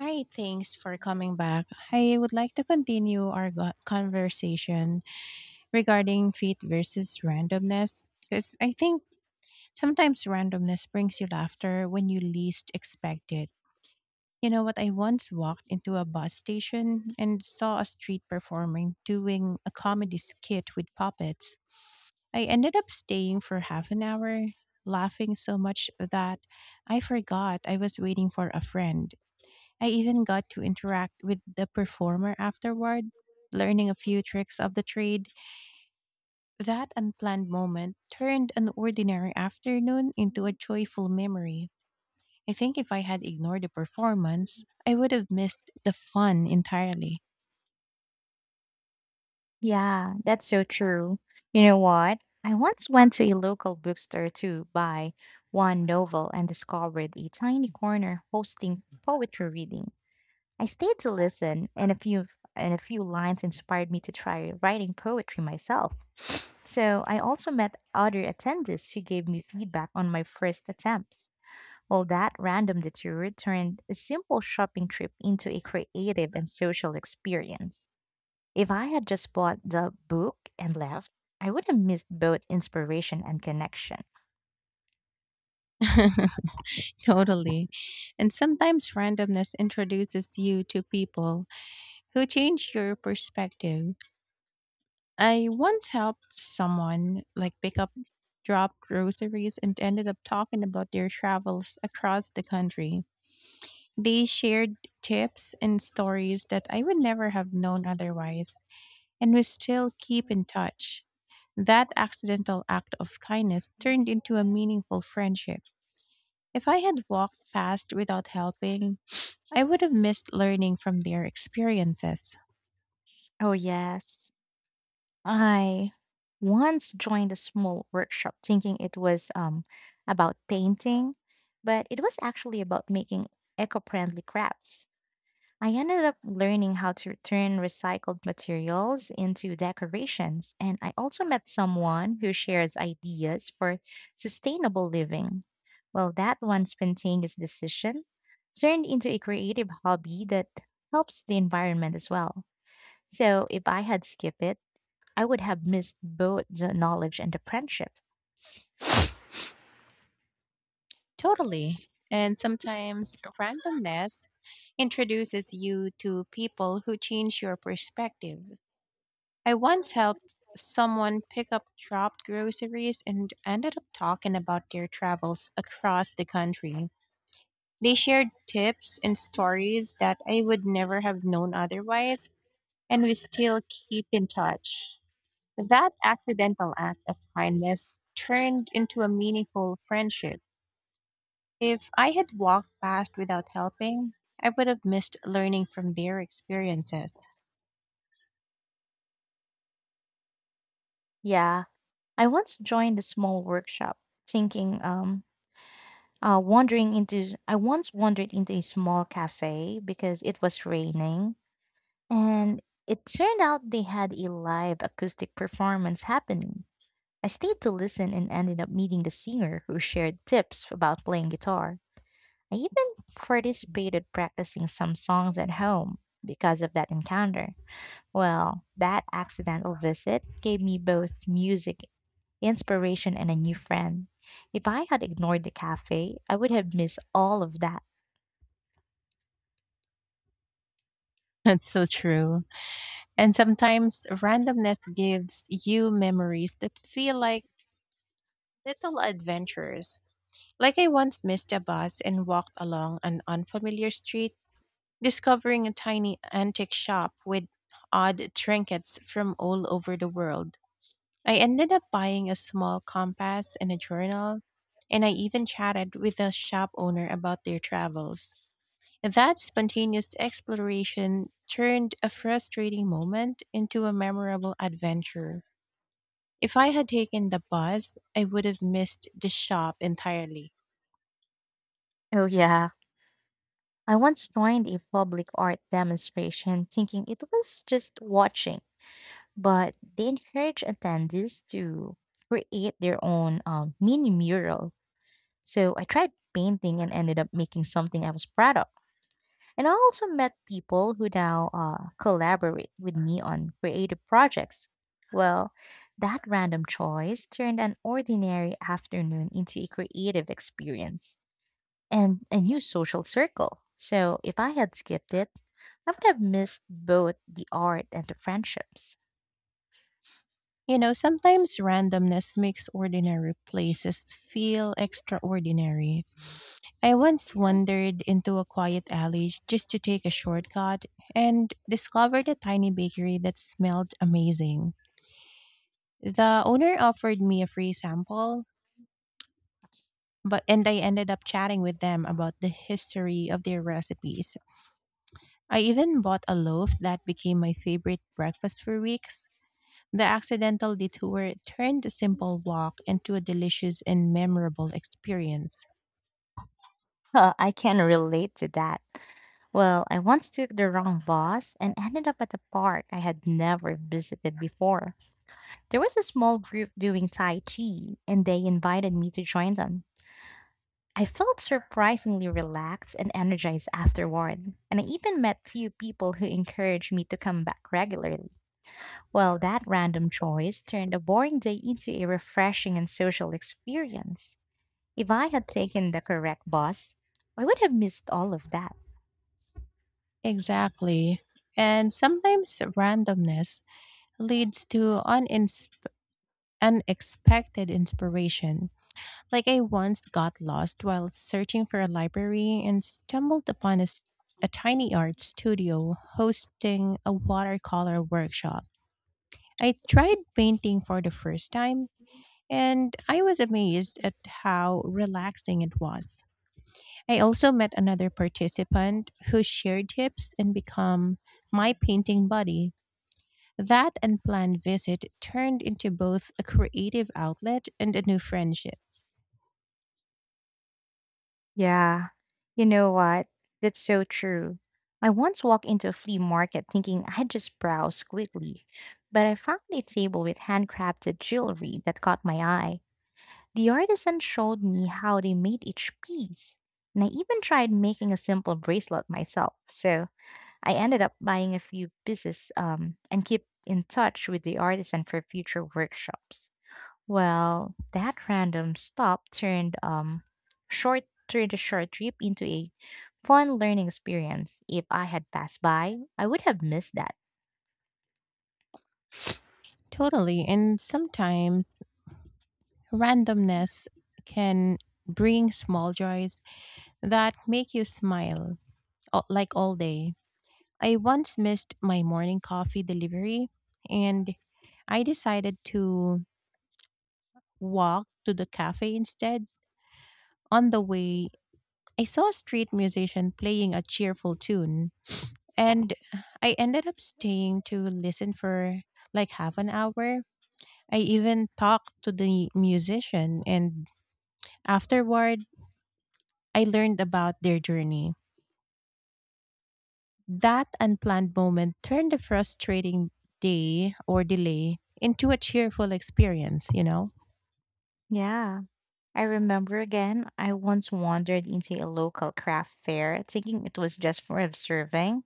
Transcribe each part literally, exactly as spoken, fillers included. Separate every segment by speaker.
Speaker 1: Hi, thanks for coming back. I would like to continue our go- conversation regarding fate versus randomness because I think sometimes randomness brings you laughter when you least expect it. You know what? I once walked into a bus station and saw a street performer doing a comedy skit with puppets. I ended up staying for half an hour, laughing so much that I forgot I was waiting for a friend. I even got to interact with the performer afterward, learning a few tricks of the trade. That unplanned moment turned an ordinary afternoon into a
Speaker 2: Mhm.
Speaker 1: joyful memory. I think if I had ignored the performance, I would have missed the fun entirely.
Speaker 2: Yeah, that's so true. You know what? I once went to a local bookstore to buy one novel and discovered a tiny corner hosting poetry reading. I stayed to listen, and a few and a few lines inspired me to try writing poetry myself. So I also met other attendees who gave me feedback on my first attempts. Well, that random detour turned a simple shopping trip into a creative and social experience. If I had just bought the book and left, I would have missed both inspiration and connection.
Speaker 1: Totally. And sometimes randomness introduces you to people who change your perspective. I once helped someone like pick up drop groceries and ended up talking about their travels across the country. They shared tips and stories that I would never have known otherwise, and we still keep in touch. That accidental act of kindness turned into a meaningful friendship. If I had walked past without helping, I would have missed learning from their experiences.
Speaker 2: Oh, yes. I once joined a small workshop thinking it was um, about painting, but it was actually about making eco friendly crafts. I ended up learning how to turn recycled materials into decorations, and I also met someone who shares ideas for sustainable living. Well, that one spontaneous decision turned into a creative hobby that helps the environment as well. So, if I had skipped it, I would have missed both the knowledge and the friendship.
Speaker 1: Totally. And sometimes randomness introduces you to people who change your perspective. I once helped someone pick up dropped groceries and ended up talking about their travels across the country. They shared tips and stories that I would never have known otherwise, and we still keep in touch. That accidental act of kindness turned into a meaningful friendship. If I had walked past without helping, I would have missed learning from their experiences.
Speaker 2: Yeah, I once joined a small workshop thinking um, Uh, wandering into I once wandered into a small cafe because it was raining, and it turned out they had a live acoustic performance happening. I stayed to listen and ended up meeting the singer who shared tips about playing guitar. I even participated practicing some songs at home because of that encounter. Well, that accidental visit gave me both music inspiration and a new friend. If I had ignored the cafe, I would have missed all of that.
Speaker 1: That's so true. And sometimes randomness gives you memories that feel like little adventures. Like I once missed a bus and walked along an unfamiliar street, discovering a tiny antique shop with odd trinkets from all over the world. I ended up buying a small compass and a journal, and I even chatted with the shop owner about their travels. That spontaneous exploration turned a frustrating moment into a memorable adventure. If I had taken the bus, I would have missed the shop entirely.
Speaker 2: Oh, yeah. I once joined a public art demonstration thinking it was just watching, but they encouraged attendees to create their own um, mini mural. So I tried painting and ended up making something I was proud of. And I also met people who now uh, collaborate with me on creative projects. Well, that random choice turned an ordinary afternoon into a creative experience and a new social circle. So if I had skipped it, I would have missed both the art and the friendships.
Speaker 1: You know, sometimes randomness makes ordinary places feel extraordinary. I once wandered into a quiet alley just to take a shortcut and discovered a tiny bakery that smelled amazing. The owner offered me a free sample, but and I ended up chatting with them about the history of their recipes. I even bought a loaf that became my favorite breakfast for weeks. The accidental detour turned a simple walk into a delicious and memorable experience.
Speaker 2: Huh, I can relate to that. Well, I once took the wrong bus and ended up at a park I had never visited before. There was a small group doing Tai Chi, and they invited me to join them. I felt surprisingly relaxed and energized afterward, and I even met few people who encouraged me to come back regularly. Well, that random choice turned a boring day into a refreshing and social experience. If I had taken the correct bus, I would have missed all of that.
Speaker 1: Exactly. And sometimes randomness leads to unins- unexpected inspiration. Like I once got lost while searching for a library and stumbled upon a, s- a tiny art studio hosting a watercolor workshop. I tried painting for the first time and I was amazed at how relaxing it was. I also met another participant who shared tips and become my painting buddy. That unplanned visit turned into both a creative outlet and a new friendship.
Speaker 2: Yeah, you know what? That's so true. I once walked into a flea market thinking I'd just browse quickly, but I found a table with handcrafted jewelry that caught my eye. The artisan showed me how they made each piece, and I even tried making a simple bracelet myself, so I ended up buying a few pieces um, and keep in touch with the artisan for future workshops. Well, that random stop turned um short turned a short trip into a fun learning experience. If I had passed by, I would have missed that.
Speaker 1: Totally. And sometimes randomness can bring small joys that make you smile all, like all day. I once missed my morning coffee delivery and I decided to walk to the cafe instead. On the way, I saw a street musician playing a cheerful tune, and I ended up staying to listen for like half an hour. I even talked to the musician, and afterward, I learned about their journey. That unplanned moment turned a frustrating day or delay into a cheerful experience, you know?
Speaker 2: Yeah. I remember again, I once wandered into a local craft fair thinking it was just for observing,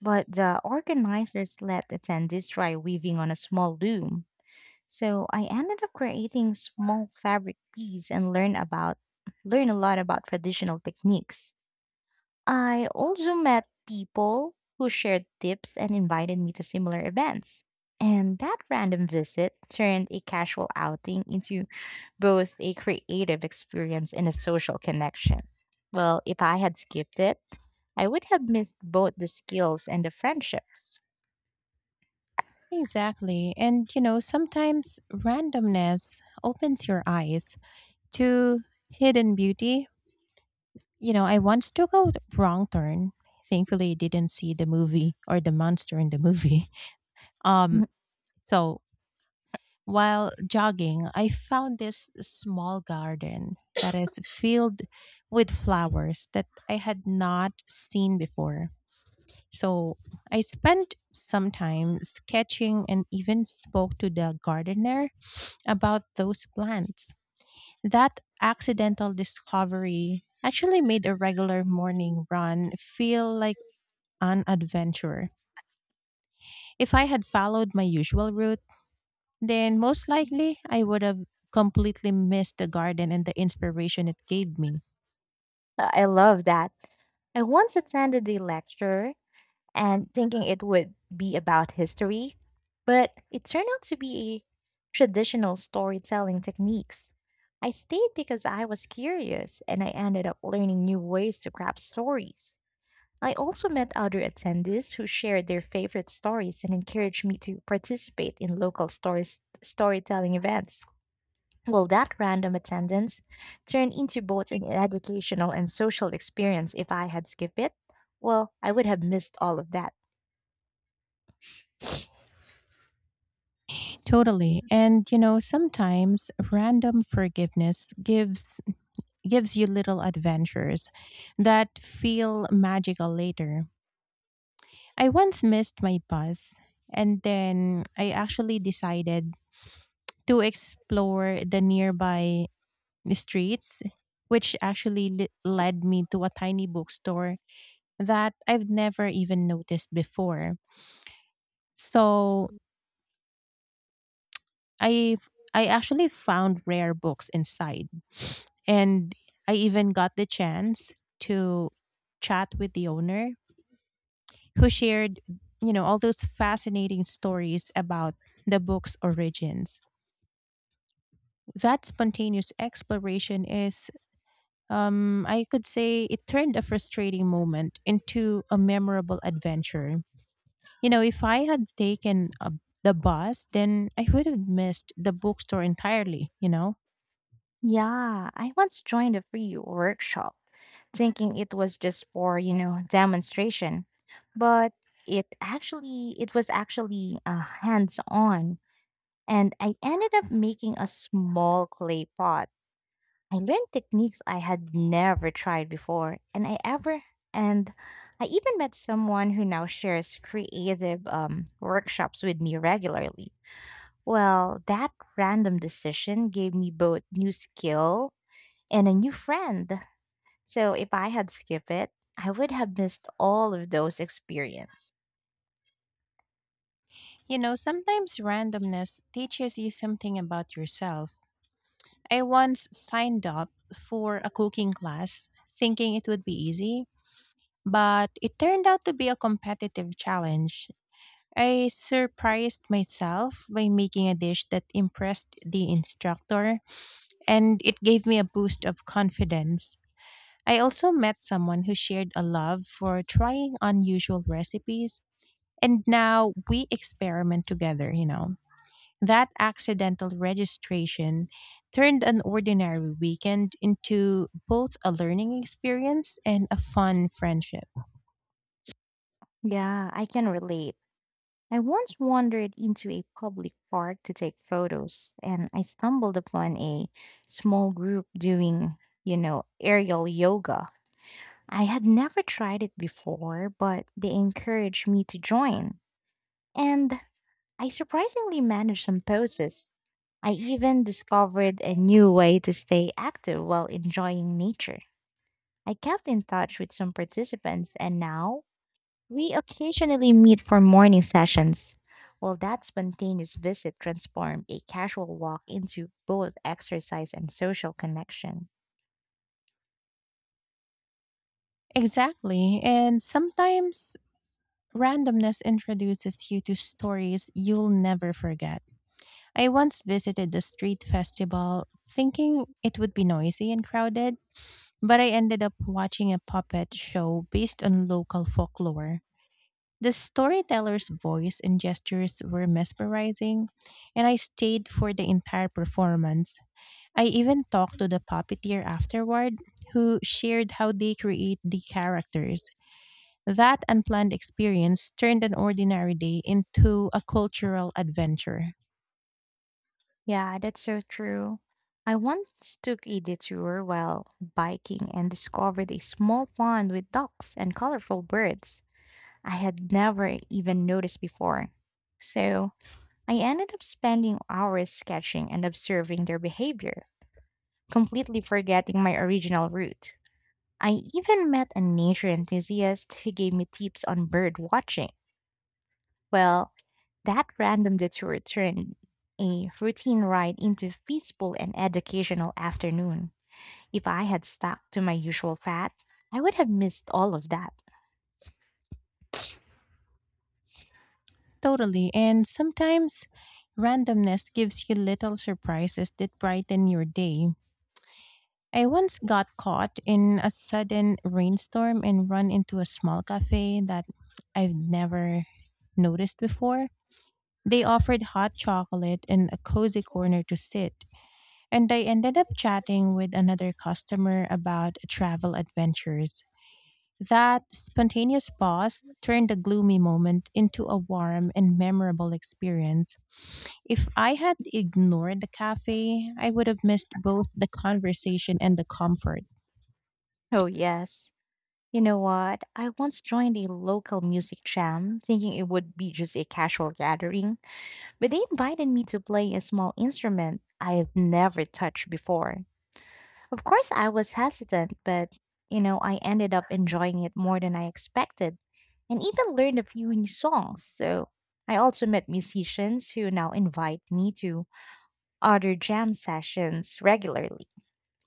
Speaker 2: but the organizers let attendees try weaving on a small loom. So I ended up creating small fabric beads and learn about learn a lot about traditional techniques. I also met people who shared tips and invited me to similar events. And that random visit turned a casual outing into both a creative experience and a social connection. Well, if I had skipped it, I would have missed both the skills and the friendships.
Speaker 1: Exactly. And, you know, sometimes randomness opens your eyes to hidden beauty. You know, I once took a wrong turn. Thankfully, I didn't see the movie or the monster in the movie. Um, so while jogging, I found this small garden that is filled with flowers that I had not seen before. So I spent some time sketching and even spoke to the gardener about those plants. That accidental discovery actually made a regular morning run feel like an adventurer. If I had followed my usual route, then most likely I would have completely missed the garden and the inspiration it gave me.
Speaker 2: I love that. I once attended a lecture and thinking it would be about history, but it turned out to be traditional storytelling techniques. I stayed because I was curious and I ended up learning new ways to craft stories. I also met other attendees who shared their favorite stories and encouraged me to participate in local stories, storytelling events. Well, that random attendance turned into both an educational and social experience if I had skipped it. Well, I would have missed all of that.
Speaker 1: Totally. And you know, sometimes random forgiveness gives gives you little adventures that feel magical later. I once missed my bus and then I actually decided to explore the nearby streets, which actually le- led me to a tiny bookstore that I've never even noticed before. So I I actually found rare books inside, and I even got the chance to chat with the owner who shared you know all those fascinating stories about the book's origins. That spontaneous exploration is Um, I could say it turned a frustrating moment into a memorable adventure. You know, if I had taken a, the bus, then I would have missed the bookstore entirely, you know?
Speaker 2: Yeah, I once joined a free workshop thinking it was just for, you know, demonstration, but it actually it was actually uh, hands-on and I ended up making a small clay pot. I learned techniques I had never tried before and I ever and I even met someone who now shares creative um, workshops with me regularly. Well, that random decision gave me both new skill and a new friend. So if I had skipped it, I would have missed all of those experiences.
Speaker 1: You know, sometimes randomness teaches you something about yourself. I once signed up for a cooking class thinking it would be easy, but it turned out to be a competitive challenge. I surprised myself by making a dish that impressed the instructor, and it gave me a boost of confidence. I also met someone who shared a love for trying unusual recipes, and now we experiment together, you know. That accidental registration turned an ordinary weekend into both a learning experience and a fun friendship.
Speaker 2: Yeah, I can relate. I once wandered into a public park to take photos and I stumbled upon a small group doing, you know, aerial yoga. I had never tried it before, but they encouraged me to join. And I surprisingly managed some poses. I even discovered a new way to stay active while enjoying nature. I kept in touch with some participants, and now we occasionally meet for morning sessions. Well, that spontaneous visit transformed a casual walk into both exercise and social connection.
Speaker 1: Exactly. And sometimes randomness introduces you to stories you'll never forget. I once visited the street festival thinking it would be noisy and crowded, but I ended up watching a puppet show based on local folklore. The storyteller's voice and gestures were mesmerizing, and I stayed for the entire performance. I even talked to the puppeteer afterward, who shared how they create the characters. That unplanned experience turned an ordinary day into a cultural adventure.
Speaker 2: Yeah, that's so true. I once took a detour while biking and discovered a small pond with ducks and colorful birds I had never even noticed before. So I ended up spending hours sketching and observing their behavior completely forgetting my original route. I even met a nature enthusiast who gave me tips on bird watching. Well, that random detour turned a routine ride into a peaceful and educational afternoon. If I had stuck to my usual path, I would have missed all of that.
Speaker 1: Totally. And sometimes randomness gives you little surprises that brighten your day. I once got caught in a sudden rainstorm and run into a small cafe that I've never noticed before. They offered hot chocolate and a cozy corner to sit, and I ended up chatting with another customer about travel adventures. That spontaneous pause turned the gloomy moment into a warm and memorable experience. If I had ignored the cafe, I would have missed both the conversation and the comfort.
Speaker 2: Oh, yes. You know what? I once joined a local music jam thinking it would be just a casual gathering, but they invited me to play a small instrument I had never touched before. Of course, I was hesitant, but you know, I ended up enjoying it more than I expected and even learned a few new songs. So, I also met musicians who now invite me to other jam sessions regularly.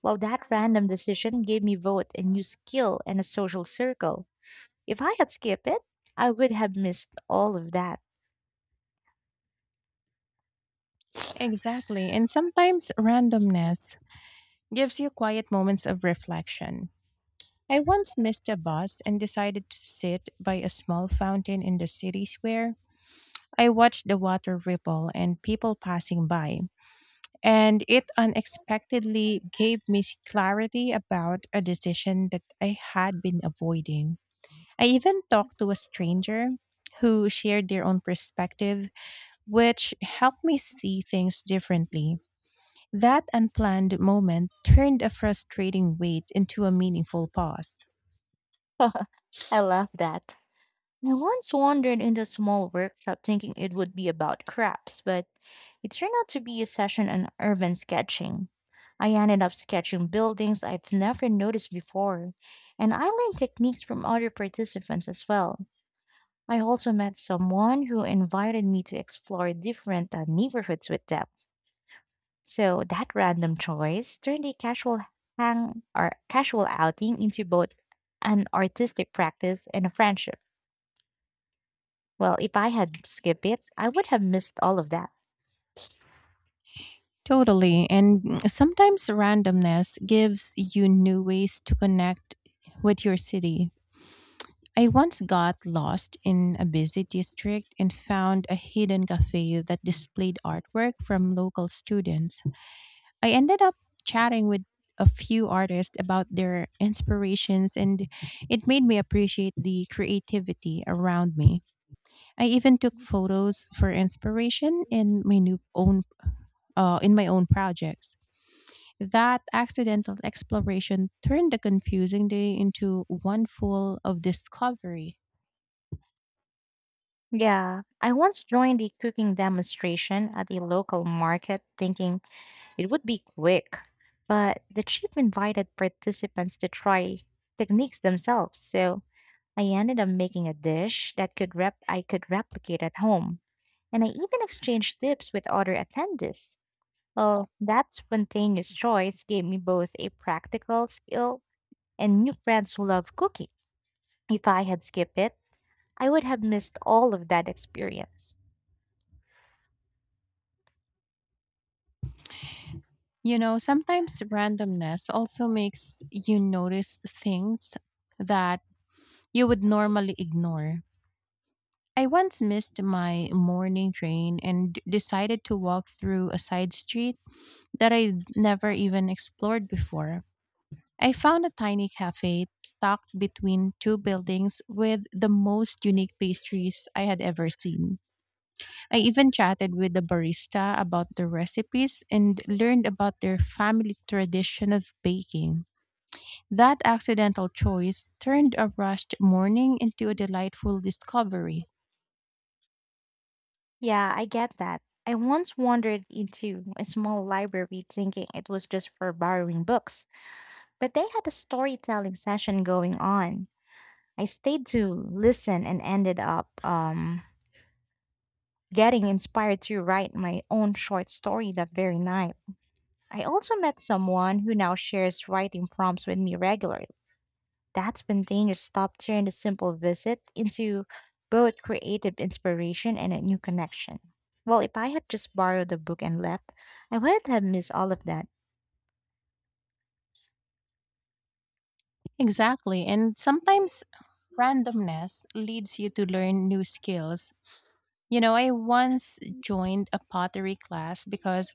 Speaker 2: Well, that random decision gave me both a new skill and a social circle. If I had skipped it, I would have missed all of that.
Speaker 1: Exactly, and sometimes randomness gives you quiet moments of reflection. I once missed a bus and decided to sit by a small fountain in the city square. I watched the water ripple and people passing by. And it unexpectedly gave me clarity about a decision that I had been avoiding. I even talked to a stranger who shared their own perspective, which helped me see things differently. That unplanned moment turned a frustrating wait into a meaningful pause.
Speaker 2: I love that. I once wandered into a small workshop thinking it would be about crafts, but it turned out to be a session on urban sketching. I ended up sketching buildings I've never noticed before, and I learned techniques from other participants as well. I also met someone who invited me to explore different uh, neighborhoods with them. So that random choice turned a casual hang or casual outing into both an artistic practice and a friendship. Well, if I had skipped it, I would have missed all of that.
Speaker 1: Totally. And mm, sometimes randomness gives you new ways to connect with your city. I once got lost in a busy district and found a hidden cafe that displayed artwork from local students. I ended up chatting with a few artists about their inspirations, and it made me appreciate the creativity around me. I even took photos for inspiration in my new own uh, in my own projects. That accidental exploration turned a confusing day into one full of discovery.
Speaker 2: Yeah, I once joined a cooking demonstration at a local market thinking it would be quick, but the chef invited participants to try techniques themselves. So I ended up making a dish that could rep I could replicate at home, and I even exchanged tips with other attendees. Well, that spontaneous choice gave me both a practical skill and new friends who love cooking. If I had skipped it, I would have missed all of that experience.
Speaker 1: You know, sometimes randomness also makes you notice things that you would normally ignore. I once missed my morning train and d- decided to walk through a side street that I never even explored before. I found a tiny cafe tucked between two buildings with the most unique pastries I had ever seen. I even chatted with the barista about the recipes and learned about their family tradition of baking. That accidental choice turned a rushed morning into a delightful discovery.
Speaker 2: Yeah, I get that. I once wandered into a small library thinking it was just for borrowing books, but they had a storytelling session going on. I stayed to listen and ended up um, getting inspired to write my own short story that very night. I also met someone who now shares writing prompts with me regularly. That spontaneous stop turned a simple visit into both creative inspiration and a new connection. Well, if I had just borrowed the book and left, I would have missed all of that.
Speaker 1: Exactly, and sometimes randomness leads you to learn new skills. You know, I once joined a pottery class because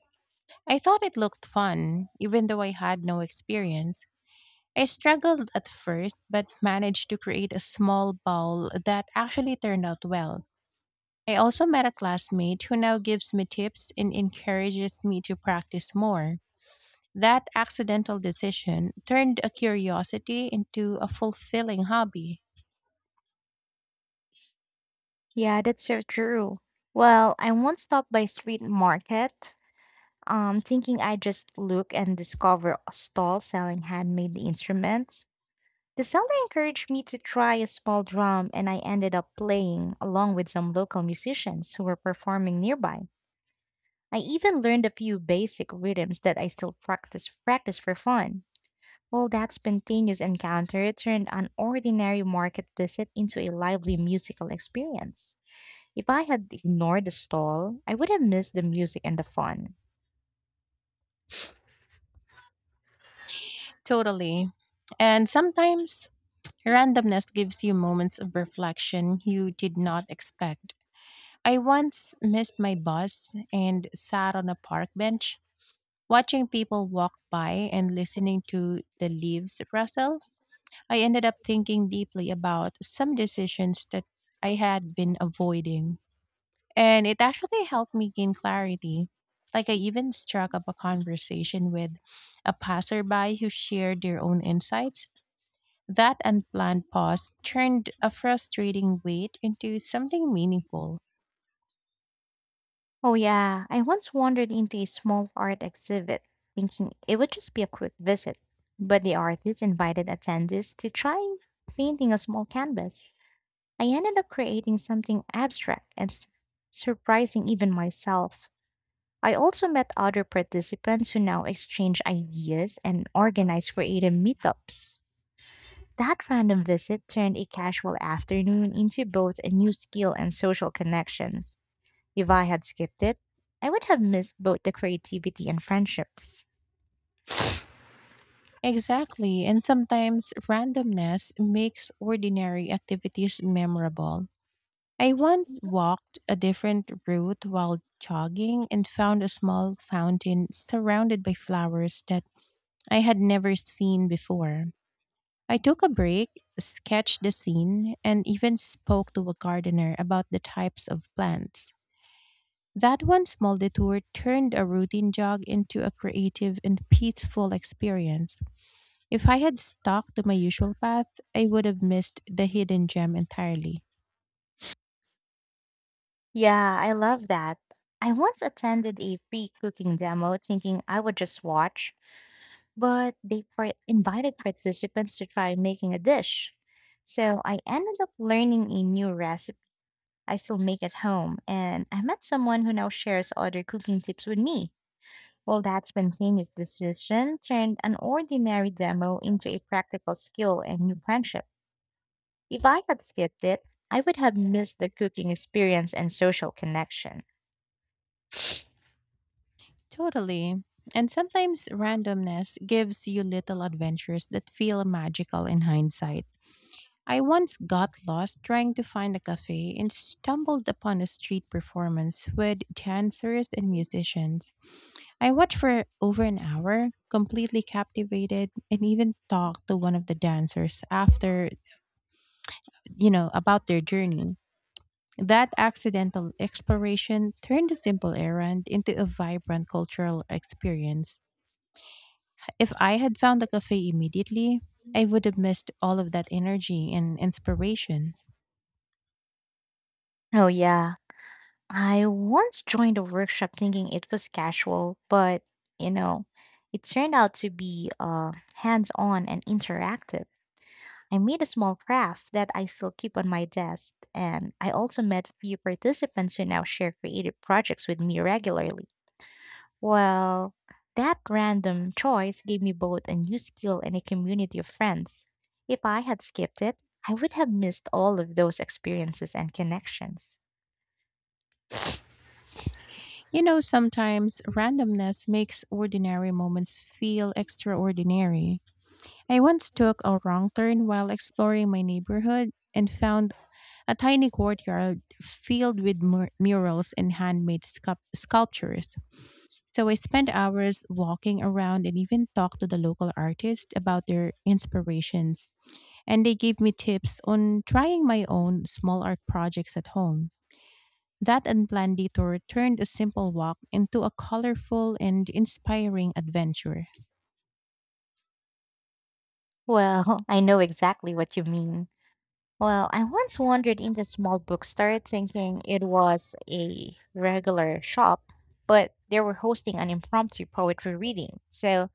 Speaker 1: I thought it looked fun, even though I had no experience. I struggled at first, but managed to create a small bowl that actually turned out well. I also met a classmate who now gives me tips and encourages me to practice more. That accidental decision turned a curiosity into a fulfilling hobby.
Speaker 2: Yeah, that's so true. Well, I once stopped by street market, um, thinking I just look and discover a stall selling handmade instruments. The seller encouraged me to try a small drum, and I ended up playing along with some local musicians who were performing nearby. I even learned a few basic rhythms that I still practice practice for fun. Well, that spontaneous encounter turned an ordinary market visit into a lively musical experience. If I had ignored the stall, I would have missed the music and the fun.
Speaker 1: Totally. And sometimes randomness gives you moments of reflection you did not expect. I once missed my bus and sat on a park bench. Watching people walk by and listening to the leaves rustle, I ended up thinking deeply about some decisions that I had been avoiding. And it actually helped me gain clarity. Like, I even struck up a conversation with a passerby who shared their own insights. That unplanned pause turned a frustrating wait into something meaningful.
Speaker 2: Oh yeah, I once wandered into a small art exhibit, thinking it would just be a quick visit, but the artist invited attendees to try painting a small canvas. I ended up creating something abstract and s- surprising even myself. I also met other participants who now exchange ideas and organize creative meetups. That random visit turned a casual afternoon into both a new skill and social connections. If I had skipped it, I would have missed both the creativity and friendships.
Speaker 1: Exactly, and sometimes randomness makes ordinary activities memorable. I once walked a different route while jogging and found a small fountain surrounded by flowers that I had never seen before. I took a break, sketched the scene, and even spoke to a gardener about the types of plants. That one small detour turned a routine jog into a creative and peaceful experience. If I had stuck to my usual path, I would have missed the hidden gem entirely.
Speaker 2: Yeah, I love that. I once attended a free cooking demo thinking I would just watch, but they par- invited participants to try making a dish. So I ended up learning a new recipe I still make at home, and I met someone who now shares other cooking tips with me. Well, that spontaneous decision turned an ordinary demo into a practical skill and new friendship. If I had skipped it, I would have missed the cooking experience and social connection.
Speaker 1: Totally. And sometimes randomness gives you little adventures that feel magical in hindsight. I once got lost trying to find a cafe and stumbled upon a street performance with dancers and musicians. I watched for over an hour, completely captivated, and even talked to one of the dancers after, you know, about their journey. That accidental exploration turned a simple errand into a vibrant cultural experience. If I had found the cafe immediately, I would have missed all of that energy and inspiration.
Speaker 2: Oh, yeah. I once joined a workshop thinking it was casual, but you know, it turned out to be uh, hands on and interactive. I made a small craft that I still keep on my desk, and I also met a few participants who now share creative projects with me regularly. Well, that random choice gave me both a new skill and a community of friends. If I had skipped it, I would have missed all of those experiences and connections.
Speaker 1: You know, sometimes randomness makes ordinary moments feel extraordinary. I once took a wrong turn while exploring my neighborhood and found a tiny courtyard filled with mur- murals and handmade sculp- sculptures. So I spent hours walking around and even talked to the local artists about their inspirations. And they gave me tips on trying my own small art projects at home. That unplanned detour turned a simple walk into a colorful and inspiring adventure.
Speaker 2: Well, I know exactly what you mean. Well, I once wandered into a small bookstore thinking it was a regular shop, but they were hosting an impromptu poetry reading. So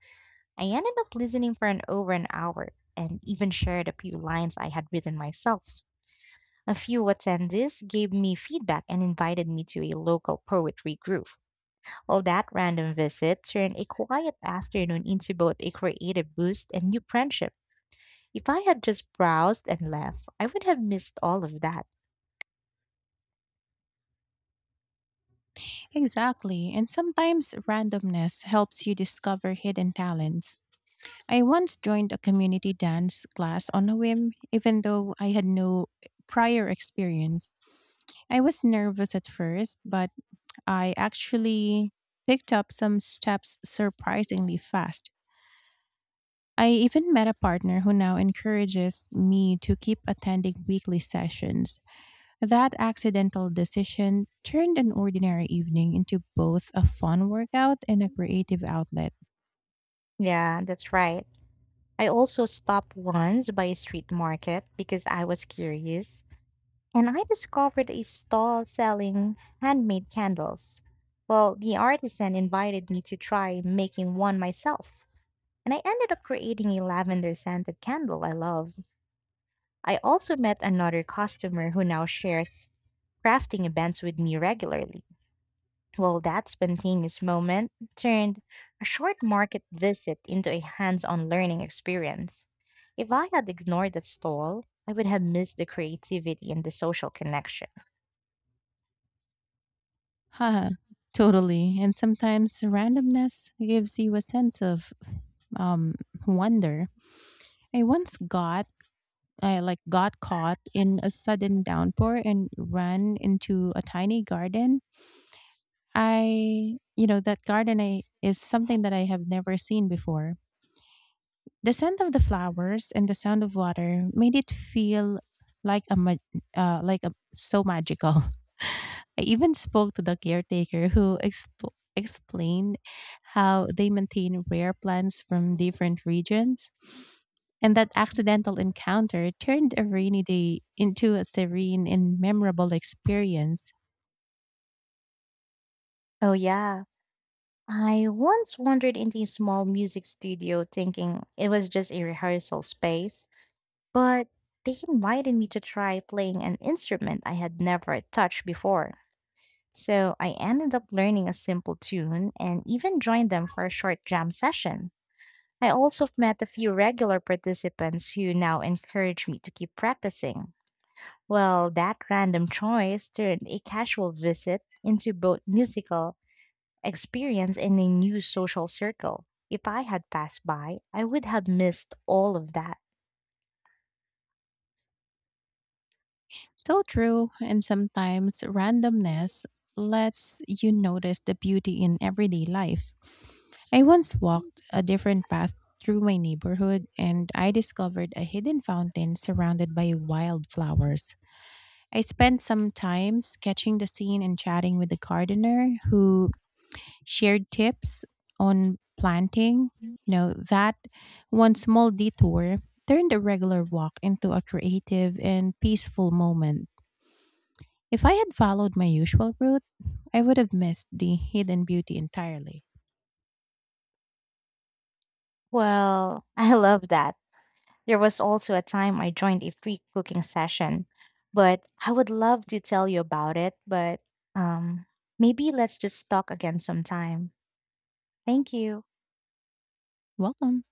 Speaker 2: I ended up listening for an over an hour and even shared a few lines I had written myself. A few attendees gave me feedback and invited me to a local poetry group. Well, that random visit turned a quiet afternoon into both a creative boost and new friendships. If I had just browsed and left, I would have missed all of that.
Speaker 1: Exactly, and sometimes randomness helps you discover hidden talents. I once joined a community dance class on a whim, even though I had no prior experience. I was nervous at first, but I actually picked up some steps surprisingly fast. I even met a partner who now encourages me to keep attending weekly sessions. That accidental decision turned an ordinary evening into both a fun workout and a creative outlet.
Speaker 2: Yeah, that's right. I also stopped once by a street market because I was curious, and I discovered a stall selling handmade candles. Well, the artisan invited me to try making one myself, and I ended up creating a lavender scented candle I love. I also met another customer who now shares crafting events with me regularly. Well, that spontaneous moment turned a short market visit into a hands on learning experience. If I had ignored that stall, I would have missed the creativity and the social connection.
Speaker 1: Haha, totally. And sometimes randomness gives you a sense of um, wonder. I once got I like got caught in a sudden downpour and ran into a tiny garden I, you know, that garden I, is something that I have never seen before. The scent of the flowers and the sound of water made it feel like a ma- uh, like a so magical. I even spoke to the caretaker who expl- explained how they maintain rare plants from different regions. And that accidental encounter turned a rainy day into a serene and memorable experience.
Speaker 2: Oh, yeah. I once wandered into a small music studio thinking it was just a rehearsal space, but they invited me to try playing an instrument I had never touched before. So I ended up learning a simple tune and even joined them for a short jam session. I also met a few regular participants who now encourage me to keep practicing. Well, that random choice turned a casual visit into both musical experience and a new social circle. If I had passed by, I would have missed all of that.
Speaker 1: So true, and sometimes randomness lets you notice the beauty in everyday life. I once walked a different path through my neighborhood and I discovered a hidden fountain surrounded by wildflowers. I spent some time sketching the scene and chatting with the gardener who shared tips on planting. You know, that one small detour turned a regular walk into a creative and peaceful moment. If I had followed my usual route, I would have missed the hidden beauty entirely.
Speaker 2: Well, I love that. There was also a time I joined a free cooking session, but I would love to tell you about it, but um maybe let's just talk again sometime. Thank you.
Speaker 1: Welcome.